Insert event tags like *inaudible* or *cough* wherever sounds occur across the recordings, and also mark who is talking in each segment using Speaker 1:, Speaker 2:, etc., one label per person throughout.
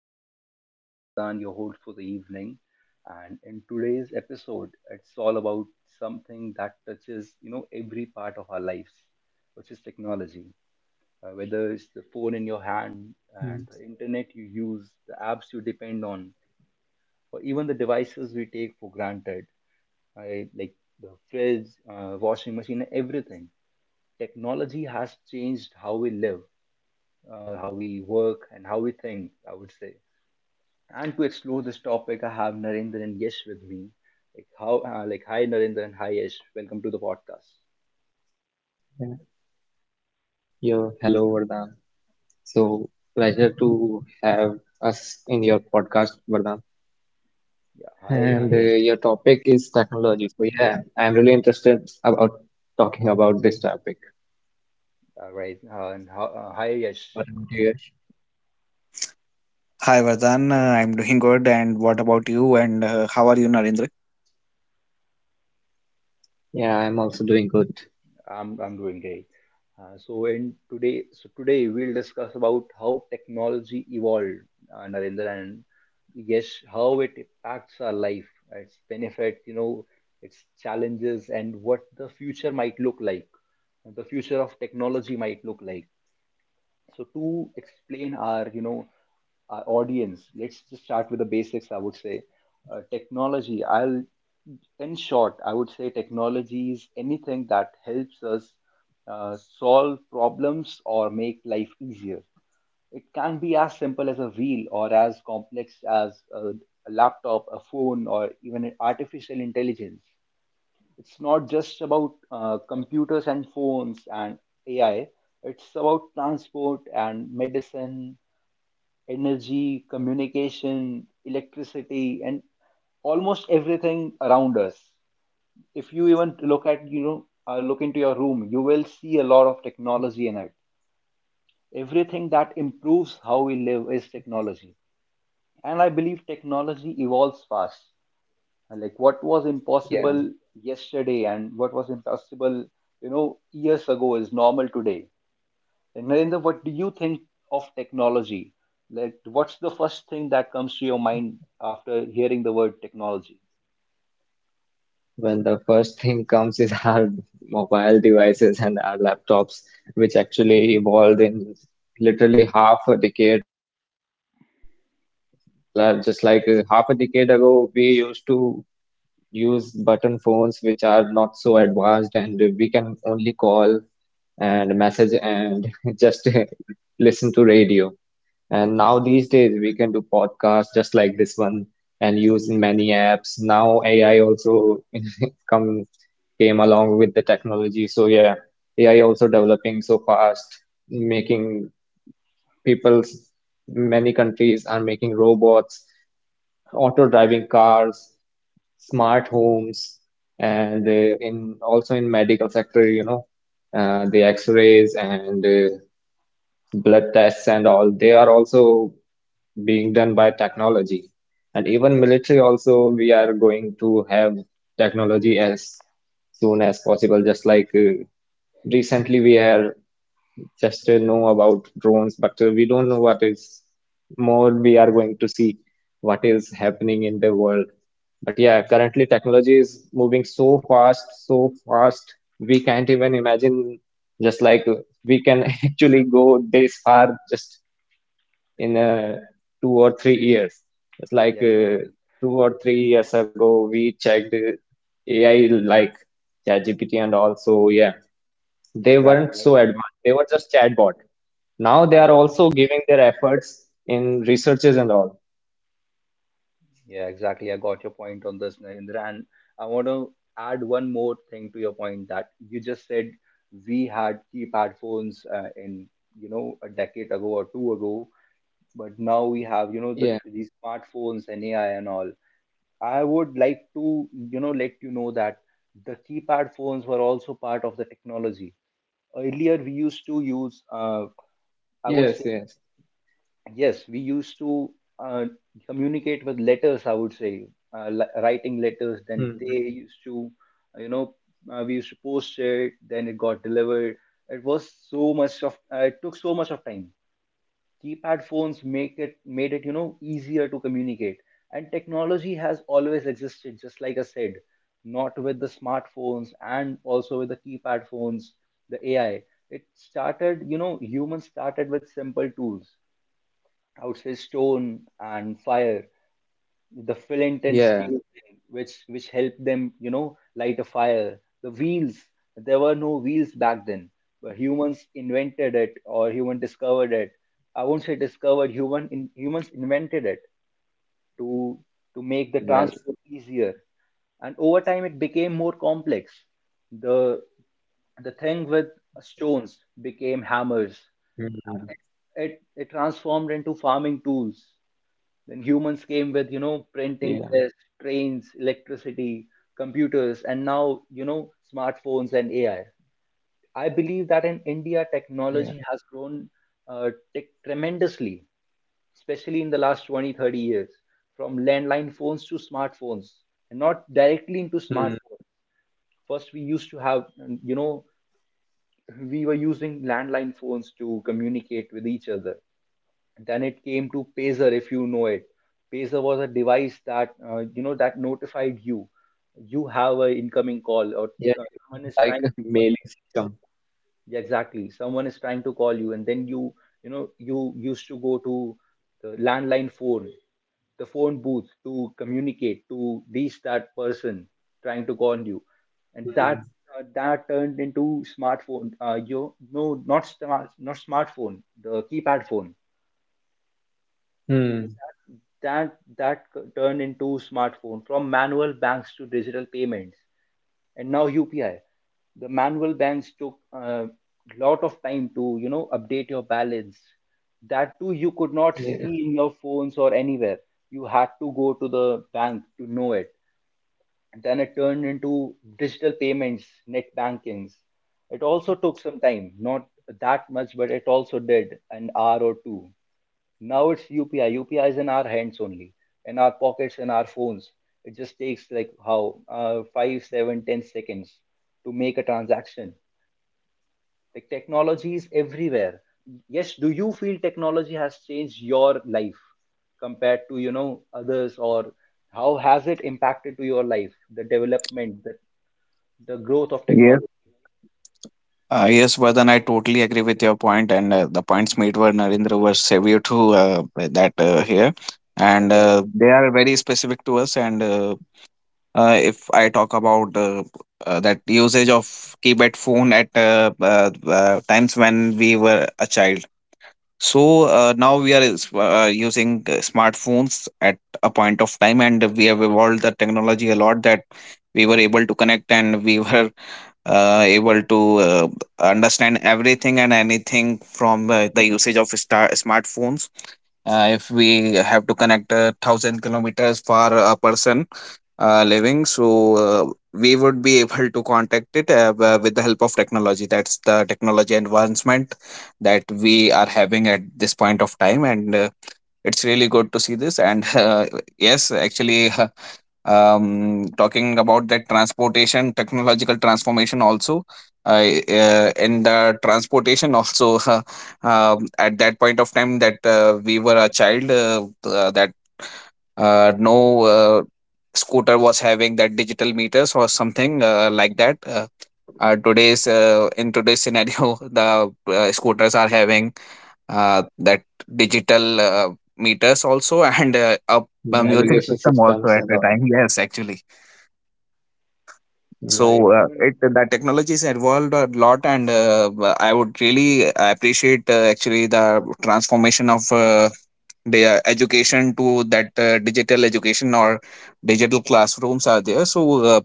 Speaker 1: podcast. I'm Vardhan, your host for the evening, and in today's episode, it's all about something that touches every part of our lives, which is technology. Whether it's the phone in your
Speaker 2: Mm.
Speaker 1: hand and the internet you use, the apps you depend on, or even the devices we take for granted, like the fridge, washing machine, everything. Technology has changed how we live, how we work, and how we think, I would say. And to explore this topic, I have Narendra and Yesh with me. Like how, like Hi Narendra and hi Yesh. Welcome to the podcast.
Speaker 2: Yeah, yeah, hello Vardhan. So pleasure to have us in your podcast, Vardhan. And your
Speaker 1: Yeah,
Speaker 2: topic is
Speaker 1: hi Yesh.
Speaker 2: technology. So yeah, I'm really interested about talking about this topic.
Speaker 1: All right, and how,
Speaker 2: What about
Speaker 1: hi
Speaker 2: you,
Speaker 1: Yesh.
Speaker 2: Yash?
Speaker 3: Hi Vardhan, I'm doing good. And what about you? And how are you, Narendra?
Speaker 2: Yeah, I'm also doing good.
Speaker 1: Um, I'm doing great. So today we'll discuss about how technology evolved, Narendra, and yes, how it impacts our life, its benefit, its challenges, and what the future might look like, the future of technology might look like. So to explain our, audience, let's just start with the basics. I would say, technology. In short, I would say technology is anything that helps us solve problems or make life easier. It can be as simple as a wheel or as complex as a laptop, a phone, or even an artificial intelligence. It's not just about computers and phones and AI. It's about transport and medicine, energy, communication, electricity, and almost everything around us. If you even look at, you know, look into your room, you will see a lot of technology in it. Everything that improves how we live is technology. And I believe technology evolves fast. And like what was
Speaker 2: Yeah,
Speaker 1: impossible yesterday and what was impossible, years ago is normal today. Like Narendra, what do you think of technology? Like what's the first thing that comes to your mind after hearing the word technology?
Speaker 2: when the first thing comes is *laughs* our mobile devices and our laptops, which actually evolved in literally half a decade really fast. Just like half a decade ago, we used to use button phones which are not so advanced, and we can only call and message and *laughs* just *laughs* listen to radio. And now these days we can do podcasts just like this one and use in many apps. Now AI also *laughs* come came along with the technology. So yeah, AI also developing so fast, making people's many countries are making robots, auto driving cars, smart homes, and in also in medical sector, the X-rays and blood tests and all, they are also being done by technology. And even military also, we are going to have technology as soon as possible. Just like recently, we are just know about drones, but we don't know what is more. We are going to see what is happening in the world. But yeah, currently technology is moving so fast, so fast. We can't even imagine just like we can *laughs* actually go this far just in 2 or 3 years. It's like
Speaker 1: Yeah, exactly.
Speaker 2: 2 or 3 years ago, we checked AI like ChatGPT, and also yeah, they
Speaker 1: Yeah,
Speaker 2: weren't
Speaker 1: exactly.
Speaker 2: so
Speaker 1: I,
Speaker 2: advanced. They were just chatbot. Now
Speaker 1: I,
Speaker 2: they
Speaker 1: I
Speaker 2: are
Speaker 1: got,
Speaker 2: also giving their efforts in researches and all.
Speaker 1: yeah, exactly. I got your point on this, Narendra. And I want to add one more thing to your point that you just said. We had keypad phones, a decade ago or two ago, but now we have, you know the
Speaker 2: Yeah.
Speaker 1: these smartphones and AI and all. I would like to, let you know that the keypad phones were also part of the technology. Earlier, we used to use, I would say,
Speaker 2: Yes. Yes.
Speaker 1: yes, we used to, uh, communicate with letters. I would say, writing letters. Then they
Speaker 2: Hmm.
Speaker 1: used to you know we used to post it. Then it got delivered. It was so much of it took so much of time. Keypad phones make it made it, easier to communicate, and technology has always existed. Just like I said, not with the smartphones and also with the keypad phones, the AI. It started you know Humans started with simple tools, I would say, stone and fire, the flint and
Speaker 2: Yeah.
Speaker 1: steel thing, which helped them, light a fire. The wheels, there were no wheels back then. But humans invented it, or human discovered it. I won't say discovered, humans invented it to make the
Speaker 2: Well.
Speaker 1: transport easier. And over time it became more complex. The the thing with stones became hammers.
Speaker 2: Hmm.
Speaker 1: It, it transformed into farming tools. Then humans came with, printing
Speaker 2: Yeah,
Speaker 1: press, trains, electricity, computers, and now, smartphones and AI. I believe that in India,
Speaker 2: yeah.
Speaker 1: technology has grown tech tremendously, especially in the last 20, 30 years, from landline phones to smartphones, and not directly into smartphones.
Speaker 2: Hmm.
Speaker 1: First, we used to have, you know, we were using landline phones to communicate with each other. Then it came to Pazer, if you know it. Pazer was a device that, that notified you. You have an incoming call, or
Speaker 2: Yeah, it was
Speaker 1: someone is
Speaker 2: like a *laughs*
Speaker 1: trying to call.
Speaker 2: mailing system.
Speaker 1: Yeah, exactly. Someone is trying to call you, and then you used to go to the landline phone, the phone booth, to communicate, to reach that person trying to call you, and
Speaker 2: Hmm.
Speaker 1: that turned into smartphone. You no, not smartphone, the keypad phone,
Speaker 2: Hmm.
Speaker 1: that turned into smartphone, from manual banks to digital payments and now UPI. The manual banks took a lot of time to, update your balance. That too you could not
Speaker 2: Yeah.
Speaker 1: see in your phones or anywhere. You had to go to the bank to know it. And then it turned into digital payments, net bankings. It also took some time, not that much, but it also did an hour or two. Now it's UPI. UPI is in our hands only, in our pockets, in our phones. It just takes like how five, seven, 10 seconds to make a transaction. Like, technology is everywhere. Yes, do you feel technology has changed your life compared to, others, or how has it impacted to your life? The development, the growth of
Speaker 3: Yes,
Speaker 1: technology.
Speaker 3: yes, Vardhan, I totally agree with your point, and the points made by Narendra were severe to uh, that here,
Speaker 1: Ah,
Speaker 3: and
Speaker 1: exactly.
Speaker 3: they are very specific to us. And If I talk about that usage of keypad phone at times when we were a child, so now we are using smartphones at a point of time, and we have evolved the technology a lot that we were able to connect and we were able to understand everything and anything from the usage of smartphones. If we have to connect 1,000 kilometers for a person, living so we would be able to contact it with the help of technology. That's the technology advancement that we are having at this point of time, and it's really good to see this. And *laughs* yes, actually, *laughs* talking about that transportation technological transformation also, uh, in the transportation also, *laughs* at that point of time that we were a child, that no scooter was having that digital meters or something like that. Today's In today's scenario, *laughs* the scooters are having that digital meters also, and a music
Speaker 2: Navigation
Speaker 3: system also
Speaker 2: systems
Speaker 3: at
Speaker 2: and
Speaker 3: the
Speaker 2: all.
Speaker 3: time. Yes, actually, so
Speaker 1: Yeah,
Speaker 2: Hmm.
Speaker 1: it even.
Speaker 3: it the technology is evolved a lot, and I would really appreciate, actually, the transformation of the education to that digital education, or digital classrooms are there. So uh,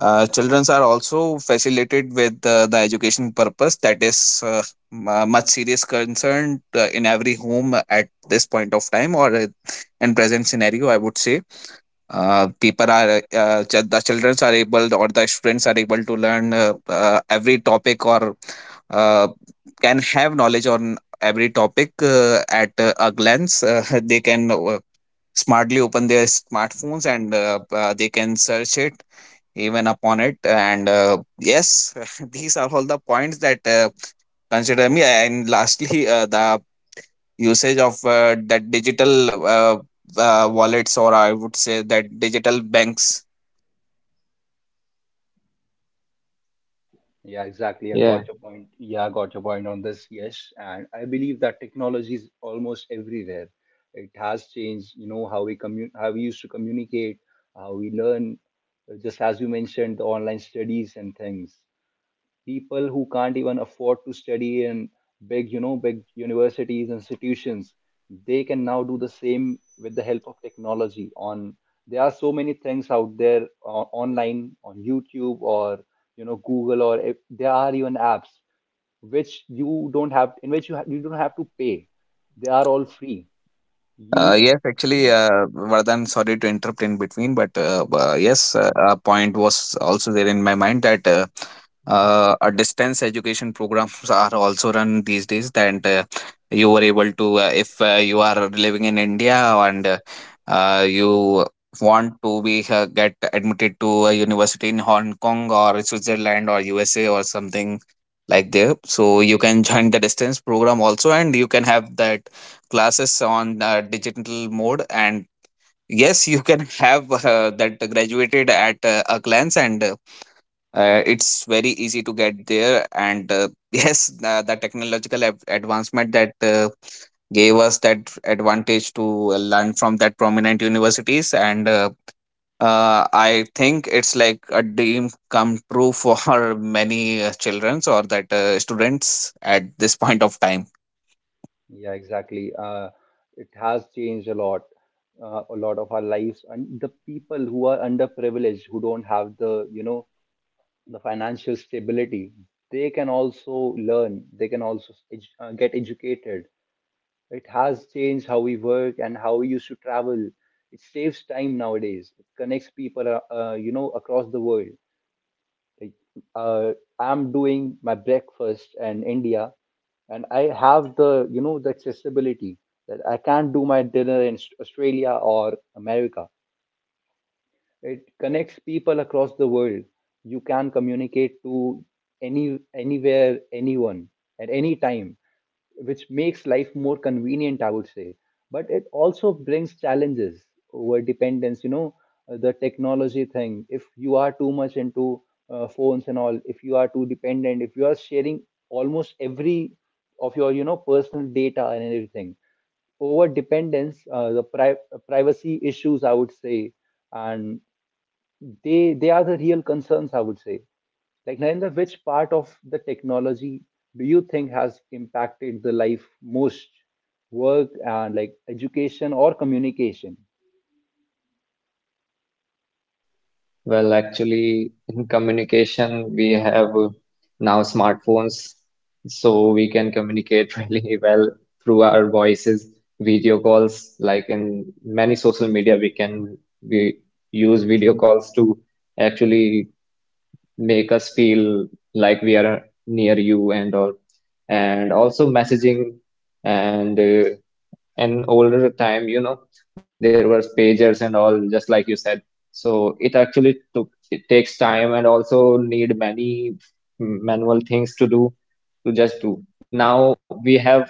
Speaker 3: uh, children are also facilitated with the education purpose that is much serious concern in every home at this point of time, or in present scenario, I would say people are the children are able, or the students are able to learn every topic, or uh, can have knowledge on every topic at a glance. Uh, *laughs* They can smartly open their smartphones and they can search it even upon it. And yes, *laughs* these are all the points that consider me. And lastly, the usage of that digital wallets, or I would say that digital banks.
Speaker 1: Yeah, exactly. I got
Speaker 2: Yeah.
Speaker 1: your point. Yeah, I got your point on this. Yes. And I believe that technology is almost everywhere. It has changed, how we used to communicate, how we learn, just as you mentioned, the online studies and things. People who can't even afford to study in big, big universities, institutions, they can now do the same with the help of technology. On There are so many things out there, online on YouTube or, Google, or, if, there are even apps which you don't have, in which you don't have to pay. They are all free. You
Speaker 3: Yes, actually,
Speaker 1: any-
Speaker 3: Vardhan, sorry to interrupt in between, but yes, a point was also there in my mind that a distance education programs are also run these days. That you were able to, if you are living in India and you want to be get admitted to a university in Hong Kong or Switzerland or USA or something like there, so you can join the distance program also, and you can have that classes on digital mode. And yes, you can *laughs* have that graduated at a glance. And it's very easy to get there. And *laughs* yes, the technological advancement that gave us that advantage to learn from that prominent universities. And I think it's like a dream come true for *laughs* many children or that students at this point of time.
Speaker 1: Yeah, exactly. It has changed a lot of our lives, and the people who are underprivileged, who don't have the, the financial stability, they can also learn. They can also get educated. It has changed how we work and how we used to travel. It saves time nowadays. It connects people, across the world. Like, uh, I'm doing my breakfast in India, and I have the, the accessibility that I can't do my dinner in Australia or America. It connects people across the world. You can communicate to anywhere, anyone at any time, which makes life more convenient, I would say. But it also brings challenges: over dependence, the technology thing. If you are too much into, phones and all, if you are too dependent, if you are sharing almost every of your, personal data and everything, over dependence, privacy issues, I would say, and they are the real concerns, I would say. Like Narendra, which part of the technology do you think has impacted the life most? Work and like education or communication?
Speaker 2: Well, actually, in communication, we have now smartphones, so we can communicate *laughs* really well through our voices, video calls, like in many social media, we can, we use video calls to actually make us feel like we are near you and all, and also messaging, and an older time, there was pagers and all, just like you said, so it actually took it takes time and also need many manual things to do to just do. Now we have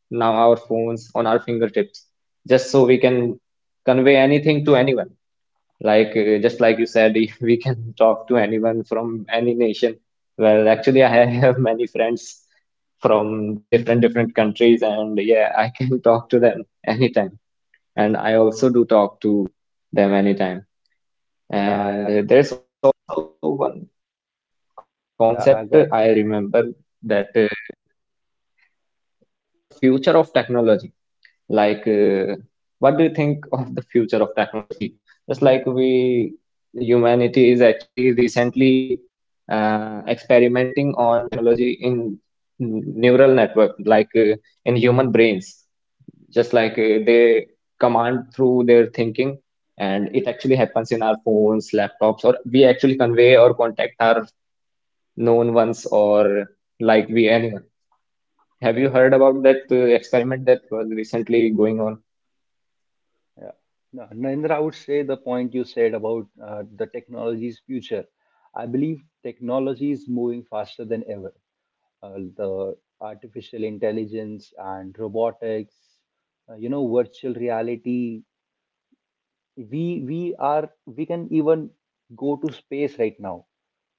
Speaker 2: now our phones on our fingertips, just so we can convey anything to anyone, like, just like you said, *laughs* we can talk to anyone from any nation. Well, actually, I have many friends from different different countries, and yeah, I can *laughs* talk to them anytime. And I also do talk to them anytime.
Speaker 1: Yeah, I,
Speaker 2: And there's also one concept I remember,
Speaker 1: yeah, I got
Speaker 2: that
Speaker 1: you.
Speaker 2: the future of technology, like, what do you think *laughs* of the future of technology? Just like we humanity is actually recently experimenting on technology in neural network, like in human brains, just like they command through their thinking, and it actually happens in our phones, laptops, or we actually convey or contact our known ones, or like we anyone. Have you heard about that experiment that was recently going on?
Speaker 1: Yeah. No, Narendra, I would say the point you said about, the technology's future. I believe technology is moving faster than ever. The artificial intelligence and robotics, virtual reality, we can even go to space right now.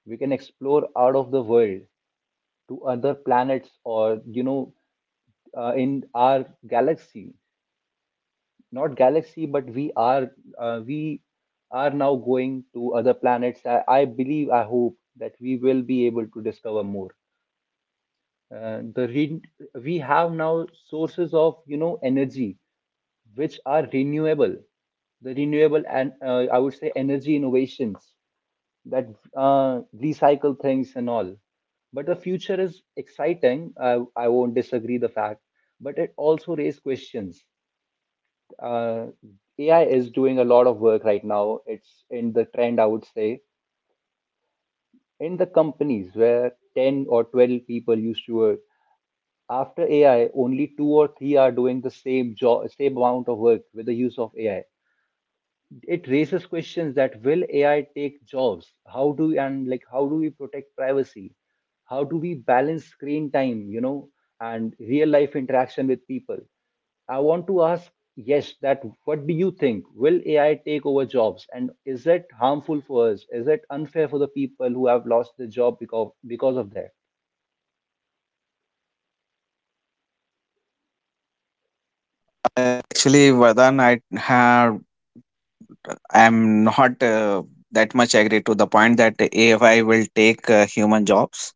Speaker 1: We can explore out of the world, to other planets, or, in our galaxy. Not galaxy, but we are now going to other planets. I hope that we will be able to discover more. uh, the re- we have now sources of, energy, which are renewable, the renewable, and, I would say, energy innovations that recycle things and all. But the future is exciting. I won't disagree the fact, but it also raises questions. Uh, AI is doing a lot of work right now. It's in the trend, I would say. In the companies where 10 or 12 people used to work, after AI, only two or three are doing the same job, same amount of work with the use of AI. It raises questions: that will AI take jobs? How do we protect privacy? How do we balance screen time, and real life interaction with people? I want to ask, yes, that what do you think? Will AI take over jobs? And is it harmful for us? Is it unfair for the people who have lost the job because of that?
Speaker 3: I'm not that much agree to the point that AI will take human jobs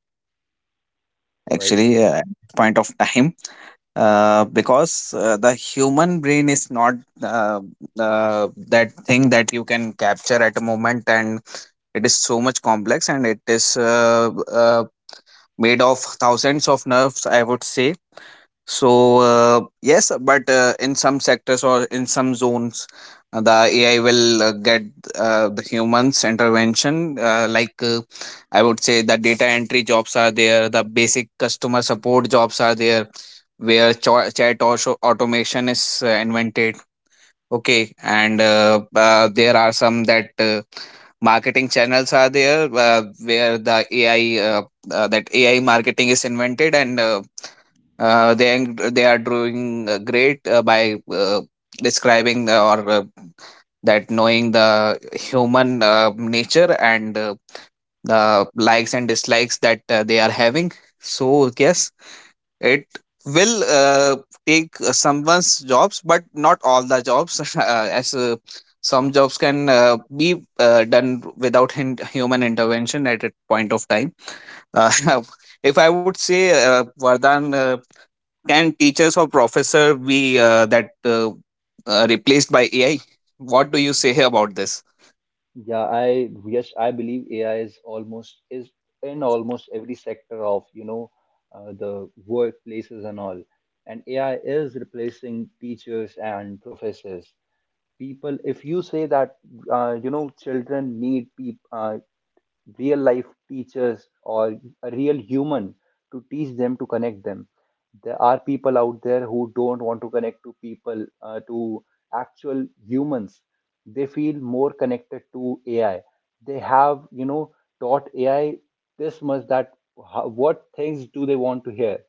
Speaker 1: All right.
Speaker 3: actually at point of time, because the human brain is not uh, that thing that you can capture at a moment, and it is so much complex, and it is made of thousands of nerves, I would say. So yes, but in some sectors or in some zones, the AI will get the humans intervention. Like I would say, the data entry jobs are there, the basic customer support jobs are there, where chat or automation is invented. Okay, and there are some that marketing channels are there where the AI that AI marketing is invented. And they they are doing great by describing or that knowing the human nature, and the likes and dislikes that they are having. So yes, it will take someone's jobs, but not all the jobs. *laughs* As some jobs can be done without human intervention at a point of time. uh, *laughs* if I would say, Vardhan, can teachers or professor be that replaced by AI? What do you say about this?
Speaker 1: Yeah, I yes, I believe AI is, almost is in almost every sector of, the workplaces and all. And AI is replacing teachers and professors. People, if you say that, children need people, real life teachers, or a real human, to teach them, to connect them. There are people out there who don't want to connect to people, to actual humans. They feel more connected to AI. They have, you know, taught AI this much that how, what things do they want to hear?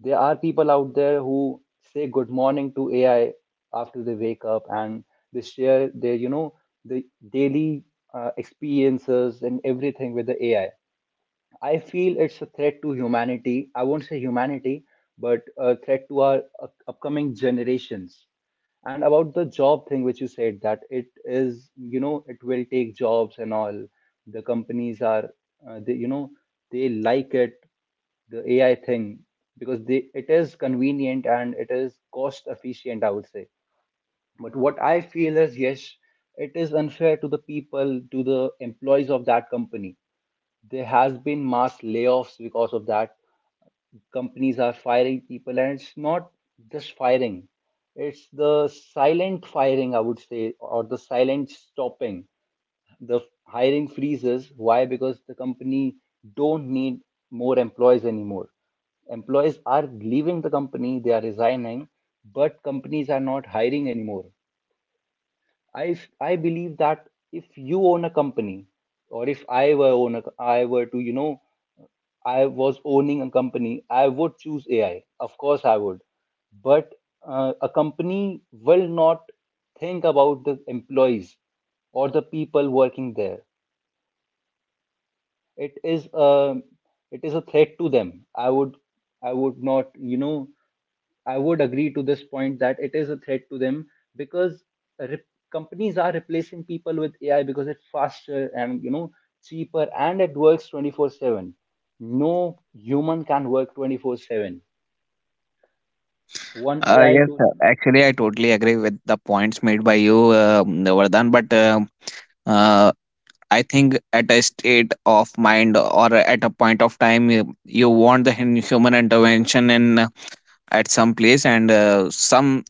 Speaker 1: There are people out there who say good morning to AI after they wake up and they share their, you know, the daily experiences and everything with the AI. I feel it's a threat to humanity. I won't say humanity, but a threat to our upcoming generations. And about the job thing, which you said that it is, you know, it will take jobs and all. The companies are, they, you know, they like it the AI thing because it is convenient and it is cost efficient, I would say. But what I feel is, yes, it is unfair to the people, to the employees of that company. There has been mass layoffs because of that. Companies are firing people, and it's not just firing; it's the silent firing, I would say, or the silent stopping the hiring freezes. Why? Because the company don't need more employees anymore. Employees are leaving the company, they are resigning, but companies are not hiring anymore. I believe that if you own a company or if I were own a, I were to I was owning a company, I would choose AI. Of course I would. But a company will not think about the employees or the people working there. It is a, it is a threat to them. I would I would not you know I would agree to this point that it is a threat to them, because re- companies are replacing people with AI because it's faster and, you know, cheaper, and it works 24/7. No human can work 24/7. One AI
Speaker 3: Yes,
Speaker 1: tool,
Speaker 3: sir.
Speaker 1: you know.
Speaker 3: Actually, I totally agree with the points made by you, Vardhan. But uh, I think at a state of mind, or at a point of time, you want the human intervention in, at some place. And some,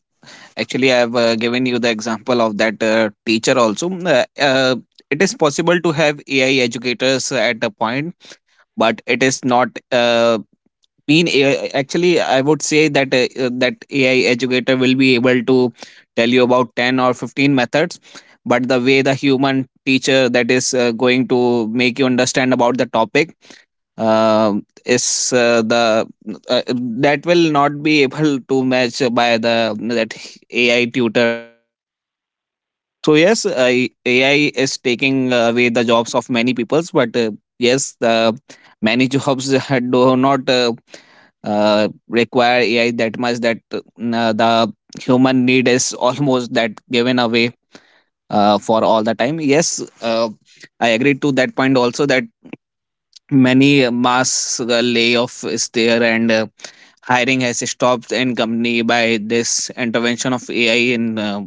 Speaker 3: actually, I have given you the example of that teacher also. Uh, uh, it is possible to have AI educators at a point, but it is not mean AI. Actually, I would say that that AI educator will be able to tell you about 10 or 15 methods, but the way the human teacher that is going to make you understand about the topic, uh, is the uh, that will not be able to match by the that AI tutor, I would say. So yes, AI is taking away the jobs of many peoples, but yes, many *laughs* jobs do not require AI that much. That the human need is *laughs* almost that given away for all the time. Yes, I agree to that point also, that many mass layoff is there, and hiring has stopped in company by this intervention of AI in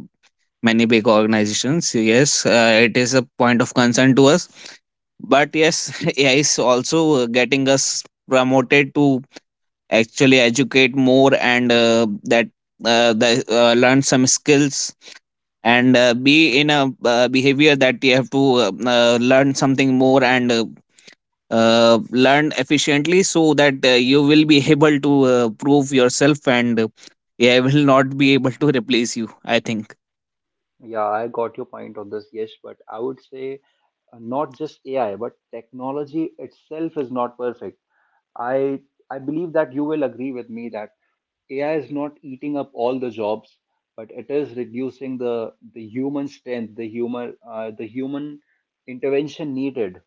Speaker 3: many big organizations. Yes, it is a point of concern to us, but yes, *laughs* AI is also getting us promoted to actually educate more, and uh, the, learn some skills and be in a behavior that you have to learn something more, and learn efficiently, so that you will be *laughs* able to prove yourself, and AI will not be able to replace you, I think.
Speaker 1: Yeah, I got your point on this. Yes, but I would say not just AI, but technology itself is not perfect. I I believe that you will agree with me that AI is not eating up all the jobs, but it is reducing the human strength, the human intervention needed.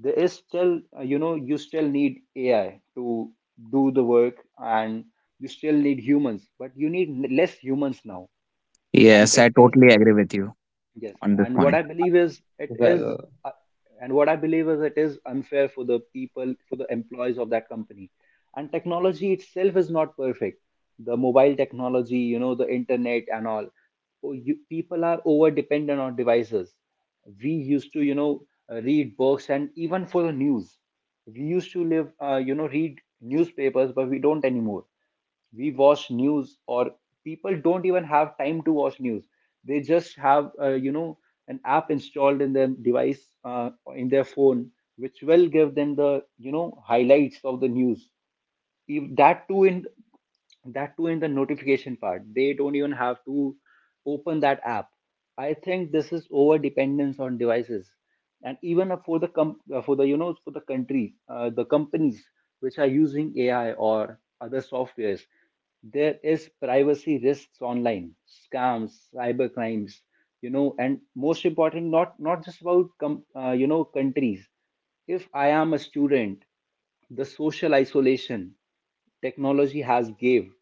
Speaker 1: There is still, you know, you still need AI to do the work, and you still need humans, but you need less humans now, and
Speaker 3: Yes, I
Speaker 1: it is.
Speaker 3: totally agree with you
Speaker 1: Yes,
Speaker 3: on this
Speaker 1: and what
Speaker 3: point.
Speaker 1: I believe is it is,
Speaker 2: Well,
Speaker 1: uh, and what I believe is it is unfair for the people, for the employees of that company. And technology itself is not perfect. The mobile technology, you know, the internet and all. Oh, you, people are over dependent on devices. We used to, you know, read books and even for the news. We used to live, you know, read newspapers, but we don't anymore. We watch news, or people don't even have time to watch news. They just have you know, an app installed in their device, in their phone, which will give them the, you know, highlights of the news. If that too in, that too in the notification part, they don't even have to open that app. I think this is over dependence on devices. And even for the for the, you know, for the country, the companies which are using AI or other softwares, there is privacy risks, online scams, cyber crimes, you know. And most important, not, not just about you know, countries, if I am a student, the social isolation technology has gave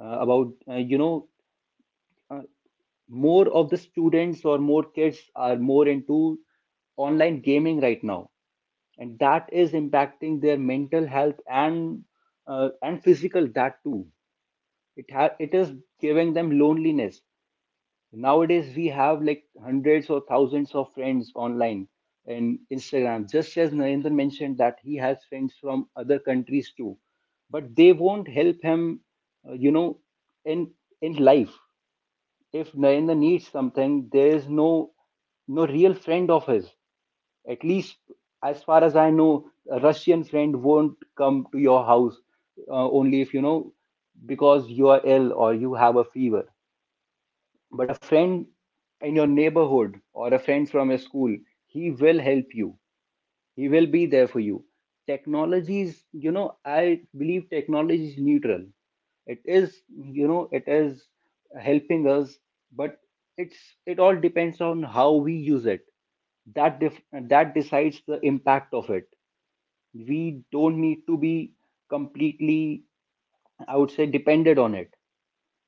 Speaker 1: about you know, uh, more of the students or more kids are more into online gaming right now, and that is impacting their mental health and, and physical, that too. It is giving them loneliness. Nowadays, we have like hundreds or thousands of friends online in Instagram. Just as Narendra mentioned that he has friends from other countries too, but they won't help him, you know, in in life. If Narendra needs something, there is no, no real friend of his. At least as far as I know, a Russian friend won't come to your house, only if, you know, because you are ill or you have a fever. But a friend in your neighborhood or a friend from your school, he will help you, he will be there for you. Technologies, you know, I believe technology is neutral. It is, you know, it is helping us, but it's, it all depends on how we use it. that def- that decides the impact of it. We don't need to be completely, I would say, dependent on it.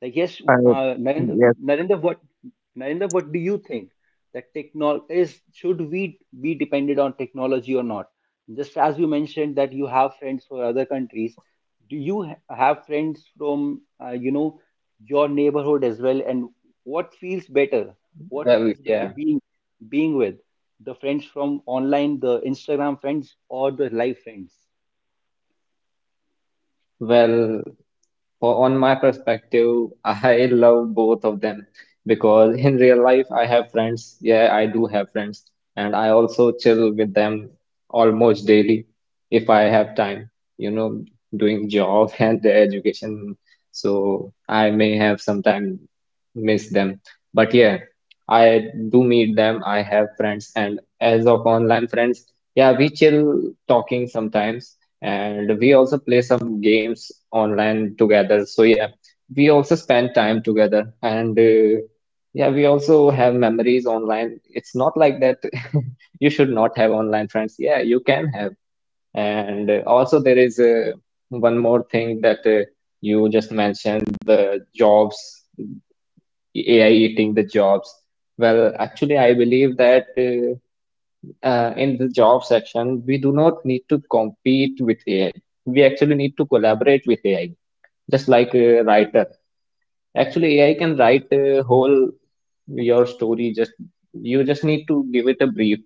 Speaker 1: Like, yes,
Speaker 3: Uh,
Speaker 1: Narendra,
Speaker 3: yes,
Speaker 1: Narendra, what do you think, that technol is should we be dependent on technology or not? Just as you mentioned that you have friends for other countries, do you have friends from, you know, your neighborhood as well? And what feels better? What
Speaker 2: well,
Speaker 1: feels better,
Speaker 2: yeah.
Speaker 1: being being with the friends from online, the Instagram friends or the live friends?
Speaker 2: Well, for on my perspective, I love both of them, because in real life, I have friends. Yeah, I do have friends, and I also chill with them almost daily if I have time, you know, doing job *laughs* and the education. So I may have sometimes miss them. But yeah, I do meet them. I have friends, and as of online friends, yeah, we chill talking sometimes, and we also play some games online together, so yeah, we also spend time together, and yeah, we also have memories online. It's not like that *laughs* you should not have online friends. Yeah, you can have. And also, there is one more thing that you just mentioned, the jobs, AI eating the jobs. Well, actually, I believe that in the job section, we do not need to compete with AI. We actually need to collaborate with AI, just like a writer. Actually, AI can write a whole your story. Just you just need to give it a brief.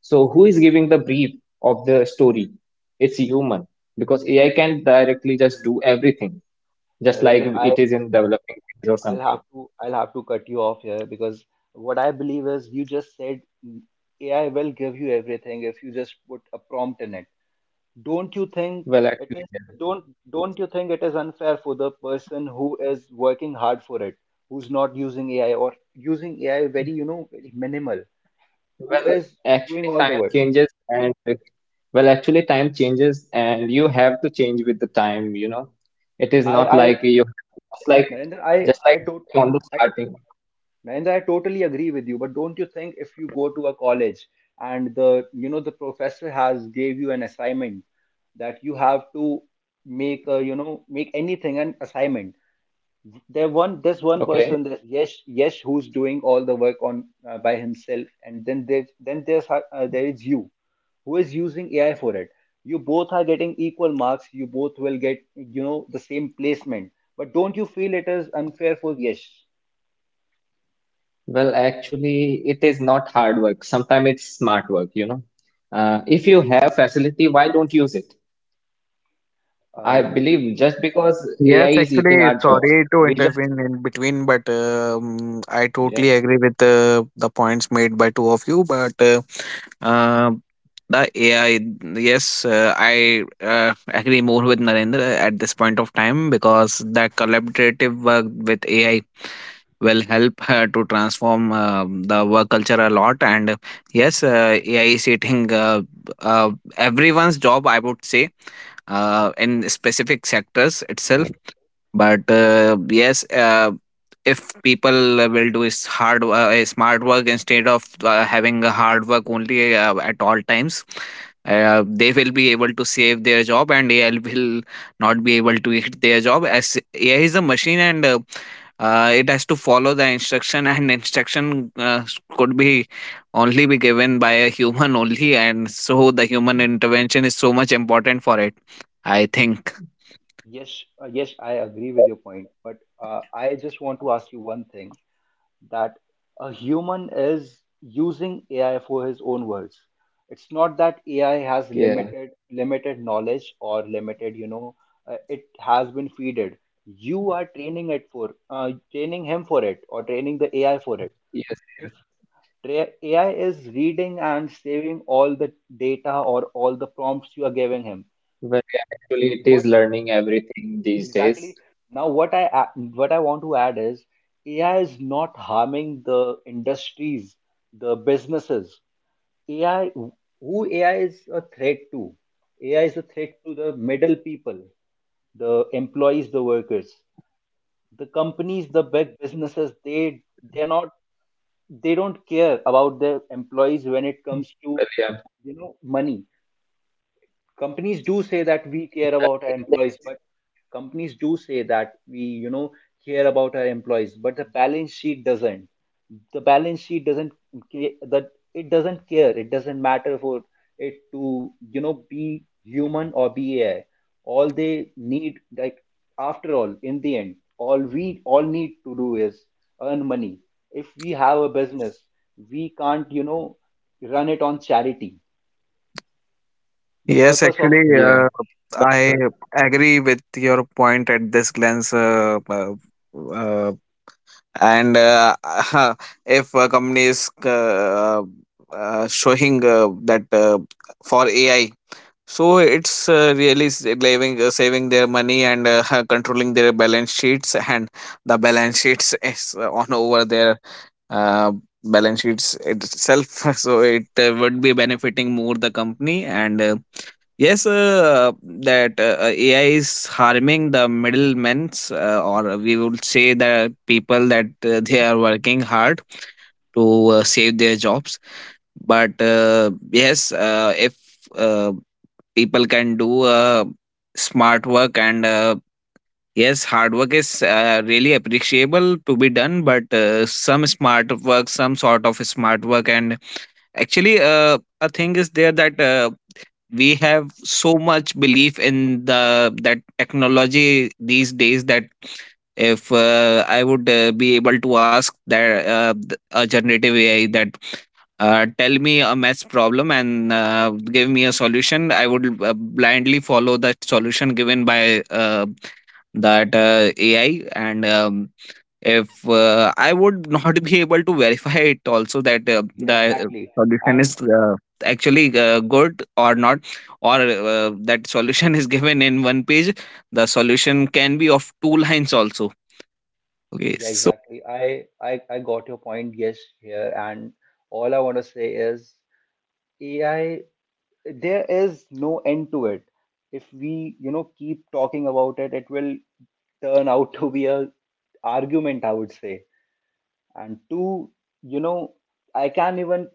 Speaker 2: So who is giving the brief of the story? It's human, because AI can directly just do everything, just like
Speaker 1: Narendra,
Speaker 2: it is in developing phase or something.
Speaker 1: I'll have to cut you off here, because what I believe is you just said, mm, AI will give you everything if you just put a prompt in it. Don't you think
Speaker 2: Well,
Speaker 1: it is,
Speaker 2: actually, yeah.
Speaker 1: don't don't you think it is unfair for the person who is working hard for it, who's not using AI or using AI very, you know, very minimal, who
Speaker 2: Well,
Speaker 1: is doing
Speaker 2: actually,
Speaker 1: all the
Speaker 2: time
Speaker 1: work.
Speaker 2: changes, and you have to change with the time, you know. It is not
Speaker 1: I
Speaker 2: like you have to just like
Speaker 1: Narendra, I I tot
Speaker 2: we on the
Speaker 1: I,
Speaker 2: starting.
Speaker 1: Mahendra, I totally agree with you, but don't you think if you go
Speaker 2: Hmm.
Speaker 1: to a college and the, you know, the professor has gave you an assignment that you have to make a, you know, make anything, an assignment. There's one person,
Speaker 2: Okay.
Speaker 1: that yes yes, who's doing all the work on by himself, and then there's, there is you who is using AI for it. You both are getting equal marks. You both will get, you know, the same placement. But don't you feel it is unfair for, yes?
Speaker 2: Well, actually, it is not hard work. Sometimes it's smart work. If you have facility, why don't use it? I
Speaker 1: Uh.
Speaker 2: believe just because
Speaker 3: yes.
Speaker 2: AI is eating
Speaker 3: Actually,
Speaker 2: our jobs,
Speaker 3: sorry to
Speaker 2: we
Speaker 3: intervene
Speaker 2: just,
Speaker 3: in between, but I totally
Speaker 2: yes,
Speaker 3: agree with the points made by two of you. But uh, the AI, yes, I agree more with Narendra at this point of time, because the collaborative work with AI will help to transform the work culture a lot. And yes, AI is eating uh, everyone's job, I would say, in specific sectors itself. But yes, if people will do is smart work instead of having a hard work only at all times, they will be able to save their job, and AI will not be able to hit their job, as AI is a machine, and it has to follow the instruction, *laughs* and instruction could be only be given by a human *laughs* only. And so the human intervention is so much important for it, I think.
Speaker 1: Yes, yes, I agree with your point, but I just want to ask you one thing, that a human is using AI for his own words. It's not that AI has
Speaker 2: yeah,
Speaker 1: limited knowledge or limited, you know, it has been feeded. You are training it for, training him for it, or training the AI for it.
Speaker 2: yes,
Speaker 1: If
Speaker 2: yes.
Speaker 1: AI is reading and saving all the data or all the prompts you are giving him,
Speaker 2: Well, yeah, actually, it is
Speaker 1: what.
Speaker 2: learning everything these days.
Speaker 1: Exactly. Now, what I want to add is AI is not harming the industries, the businesses. AI, who AI is a threat to? AI is a threat to the middle people, the employees, the workers, the companies, the big businesses. They they're not they don't care about their employees when it comes
Speaker 2: Well,
Speaker 1: to,
Speaker 2: yeah.
Speaker 1: you know, money. Companies do say that we
Speaker 2: Well,
Speaker 1: care
Speaker 2: in
Speaker 1: about our
Speaker 2: this,
Speaker 1: employees, but companies do say that we, you know, care about our employees, but the balance sheet doesn't, the balance sheet doesn't ca- that it doesn't care, it doesn't matter for it to, you know, be human or be AI. All they need, like, after all, in the end, all we all need to do is earn money. If we have a business, we can't, you know, run it on charity. The
Speaker 3: Yes,
Speaker 1: purpose of a.
Speaker 3: actually,
Speaker 2: yeah. Well,
Speaker 3: I agree with your point at this glance. Uh, and *laughs* If a company is showing that for AI, so it's really saving saving their money, and *laughs* controlling their balance sheets. And the balance sheets *laughs* is on over their uh, balance sheets itself. *laughs* So it would be benefiting more the company. And yes, that AI is harming the middlemen's, or we would say the people that they are working hard to save their jobs. But yes, if uh, people can do smart work, and yes, hard work is really appreciable to be done, but some smart work, some sort of smart work. And actually a thing is there, that we have so much belief in the that technology these days, that if I would be able to ask that a generative AI that tell me a mess problem, and give me a solution, I would blindly follow the solution given by that AI. And if I would *laughs* not be able to verify it also, that
Speaker 1: Yeah,
Speaker 3: the
Speaker 1: exactly.
Speaker 3: solution is
Speaker 1: And,
Speaker 3: actually good or not, or that solution is given in one page, the solution can be of two *laughs* lines also. Okay,
Speaker 1: yeah,
Speaker 3: so
Speaker 1: exactly. I got your point, yes, here. And all I want to say is, AI, there is no end to it. If we, you know, keep talking about it, it will turn out *laughs* to be a argument, I would say. And two, you know, I can't even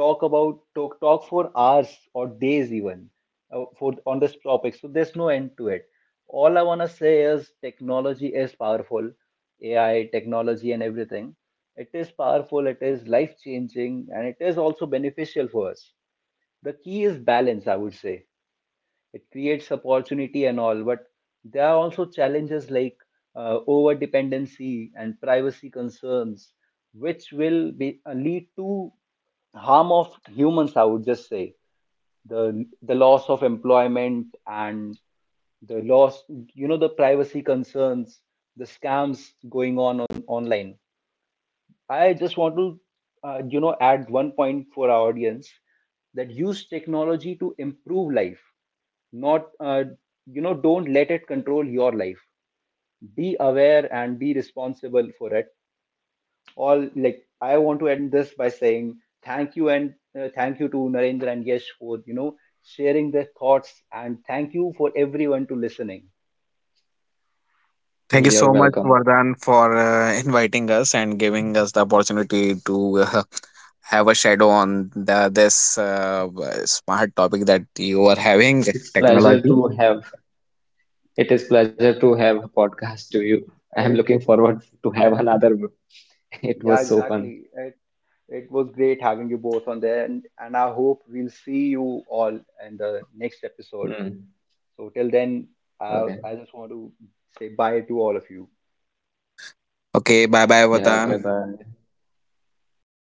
Speaker 1: talk about talk for hours or days even, for, on this topic. So there's no end to it. All I want to say is, technology is powerful. AI technology and everything, it is powerful, it is life changing, and it is also beneficial for us. The key is balance, I would say. It creates opportunity and all, but there are also challenges like, over dependency and privacy concerns, which will be, lead to harm of humans, I would just say. the the loss of employment and the loss, you know, the privacy concerns, the scams going on online. I just want to add one point for our audience, that use technology to improve life, not, don't let it control your life. Be aware and be responsible for it. All, like, I want to end this by saying thank you, and thank you to Narendra and Yesh for, you know, sharing their thoughts, and thank you for everyone to listening.
Speaker 3: thank you
Speaker 2: you're
Speaker 3: so much,
Speaker 2: welcome.
Speaker 3: Vardhan, for inviting us and giving us the opportunity to have a shadow on the this smart topic that you are having,
Speaker 2: It's pleasure
Speaker 3: technology.
Speaker 2: to have. It is pleasure
Speaker 1: Yeah.
Speaker 2: to have a podcast to you. I am
Speaker 1: it,
Speaker 2: looking
Speaker 1: it
Speaker 2: forward to have another. *laughs* It
Speaker 1: Yeah,
Speaker 2: was so fun.
Speaker 1: exactly. It was great having you both on there, and I hope we'll see you all in the next episode.
Speaker 2: Hmm.
Speaker 1: So till then,
Speaker 2: Okay.
Speaker 1: I just want to say bye to all of you.
Speaker 3: Okay, bye bye,
Speaker 2: Yeah.
Speaker 3: Vardhan.
Speaker 2: Bye bye.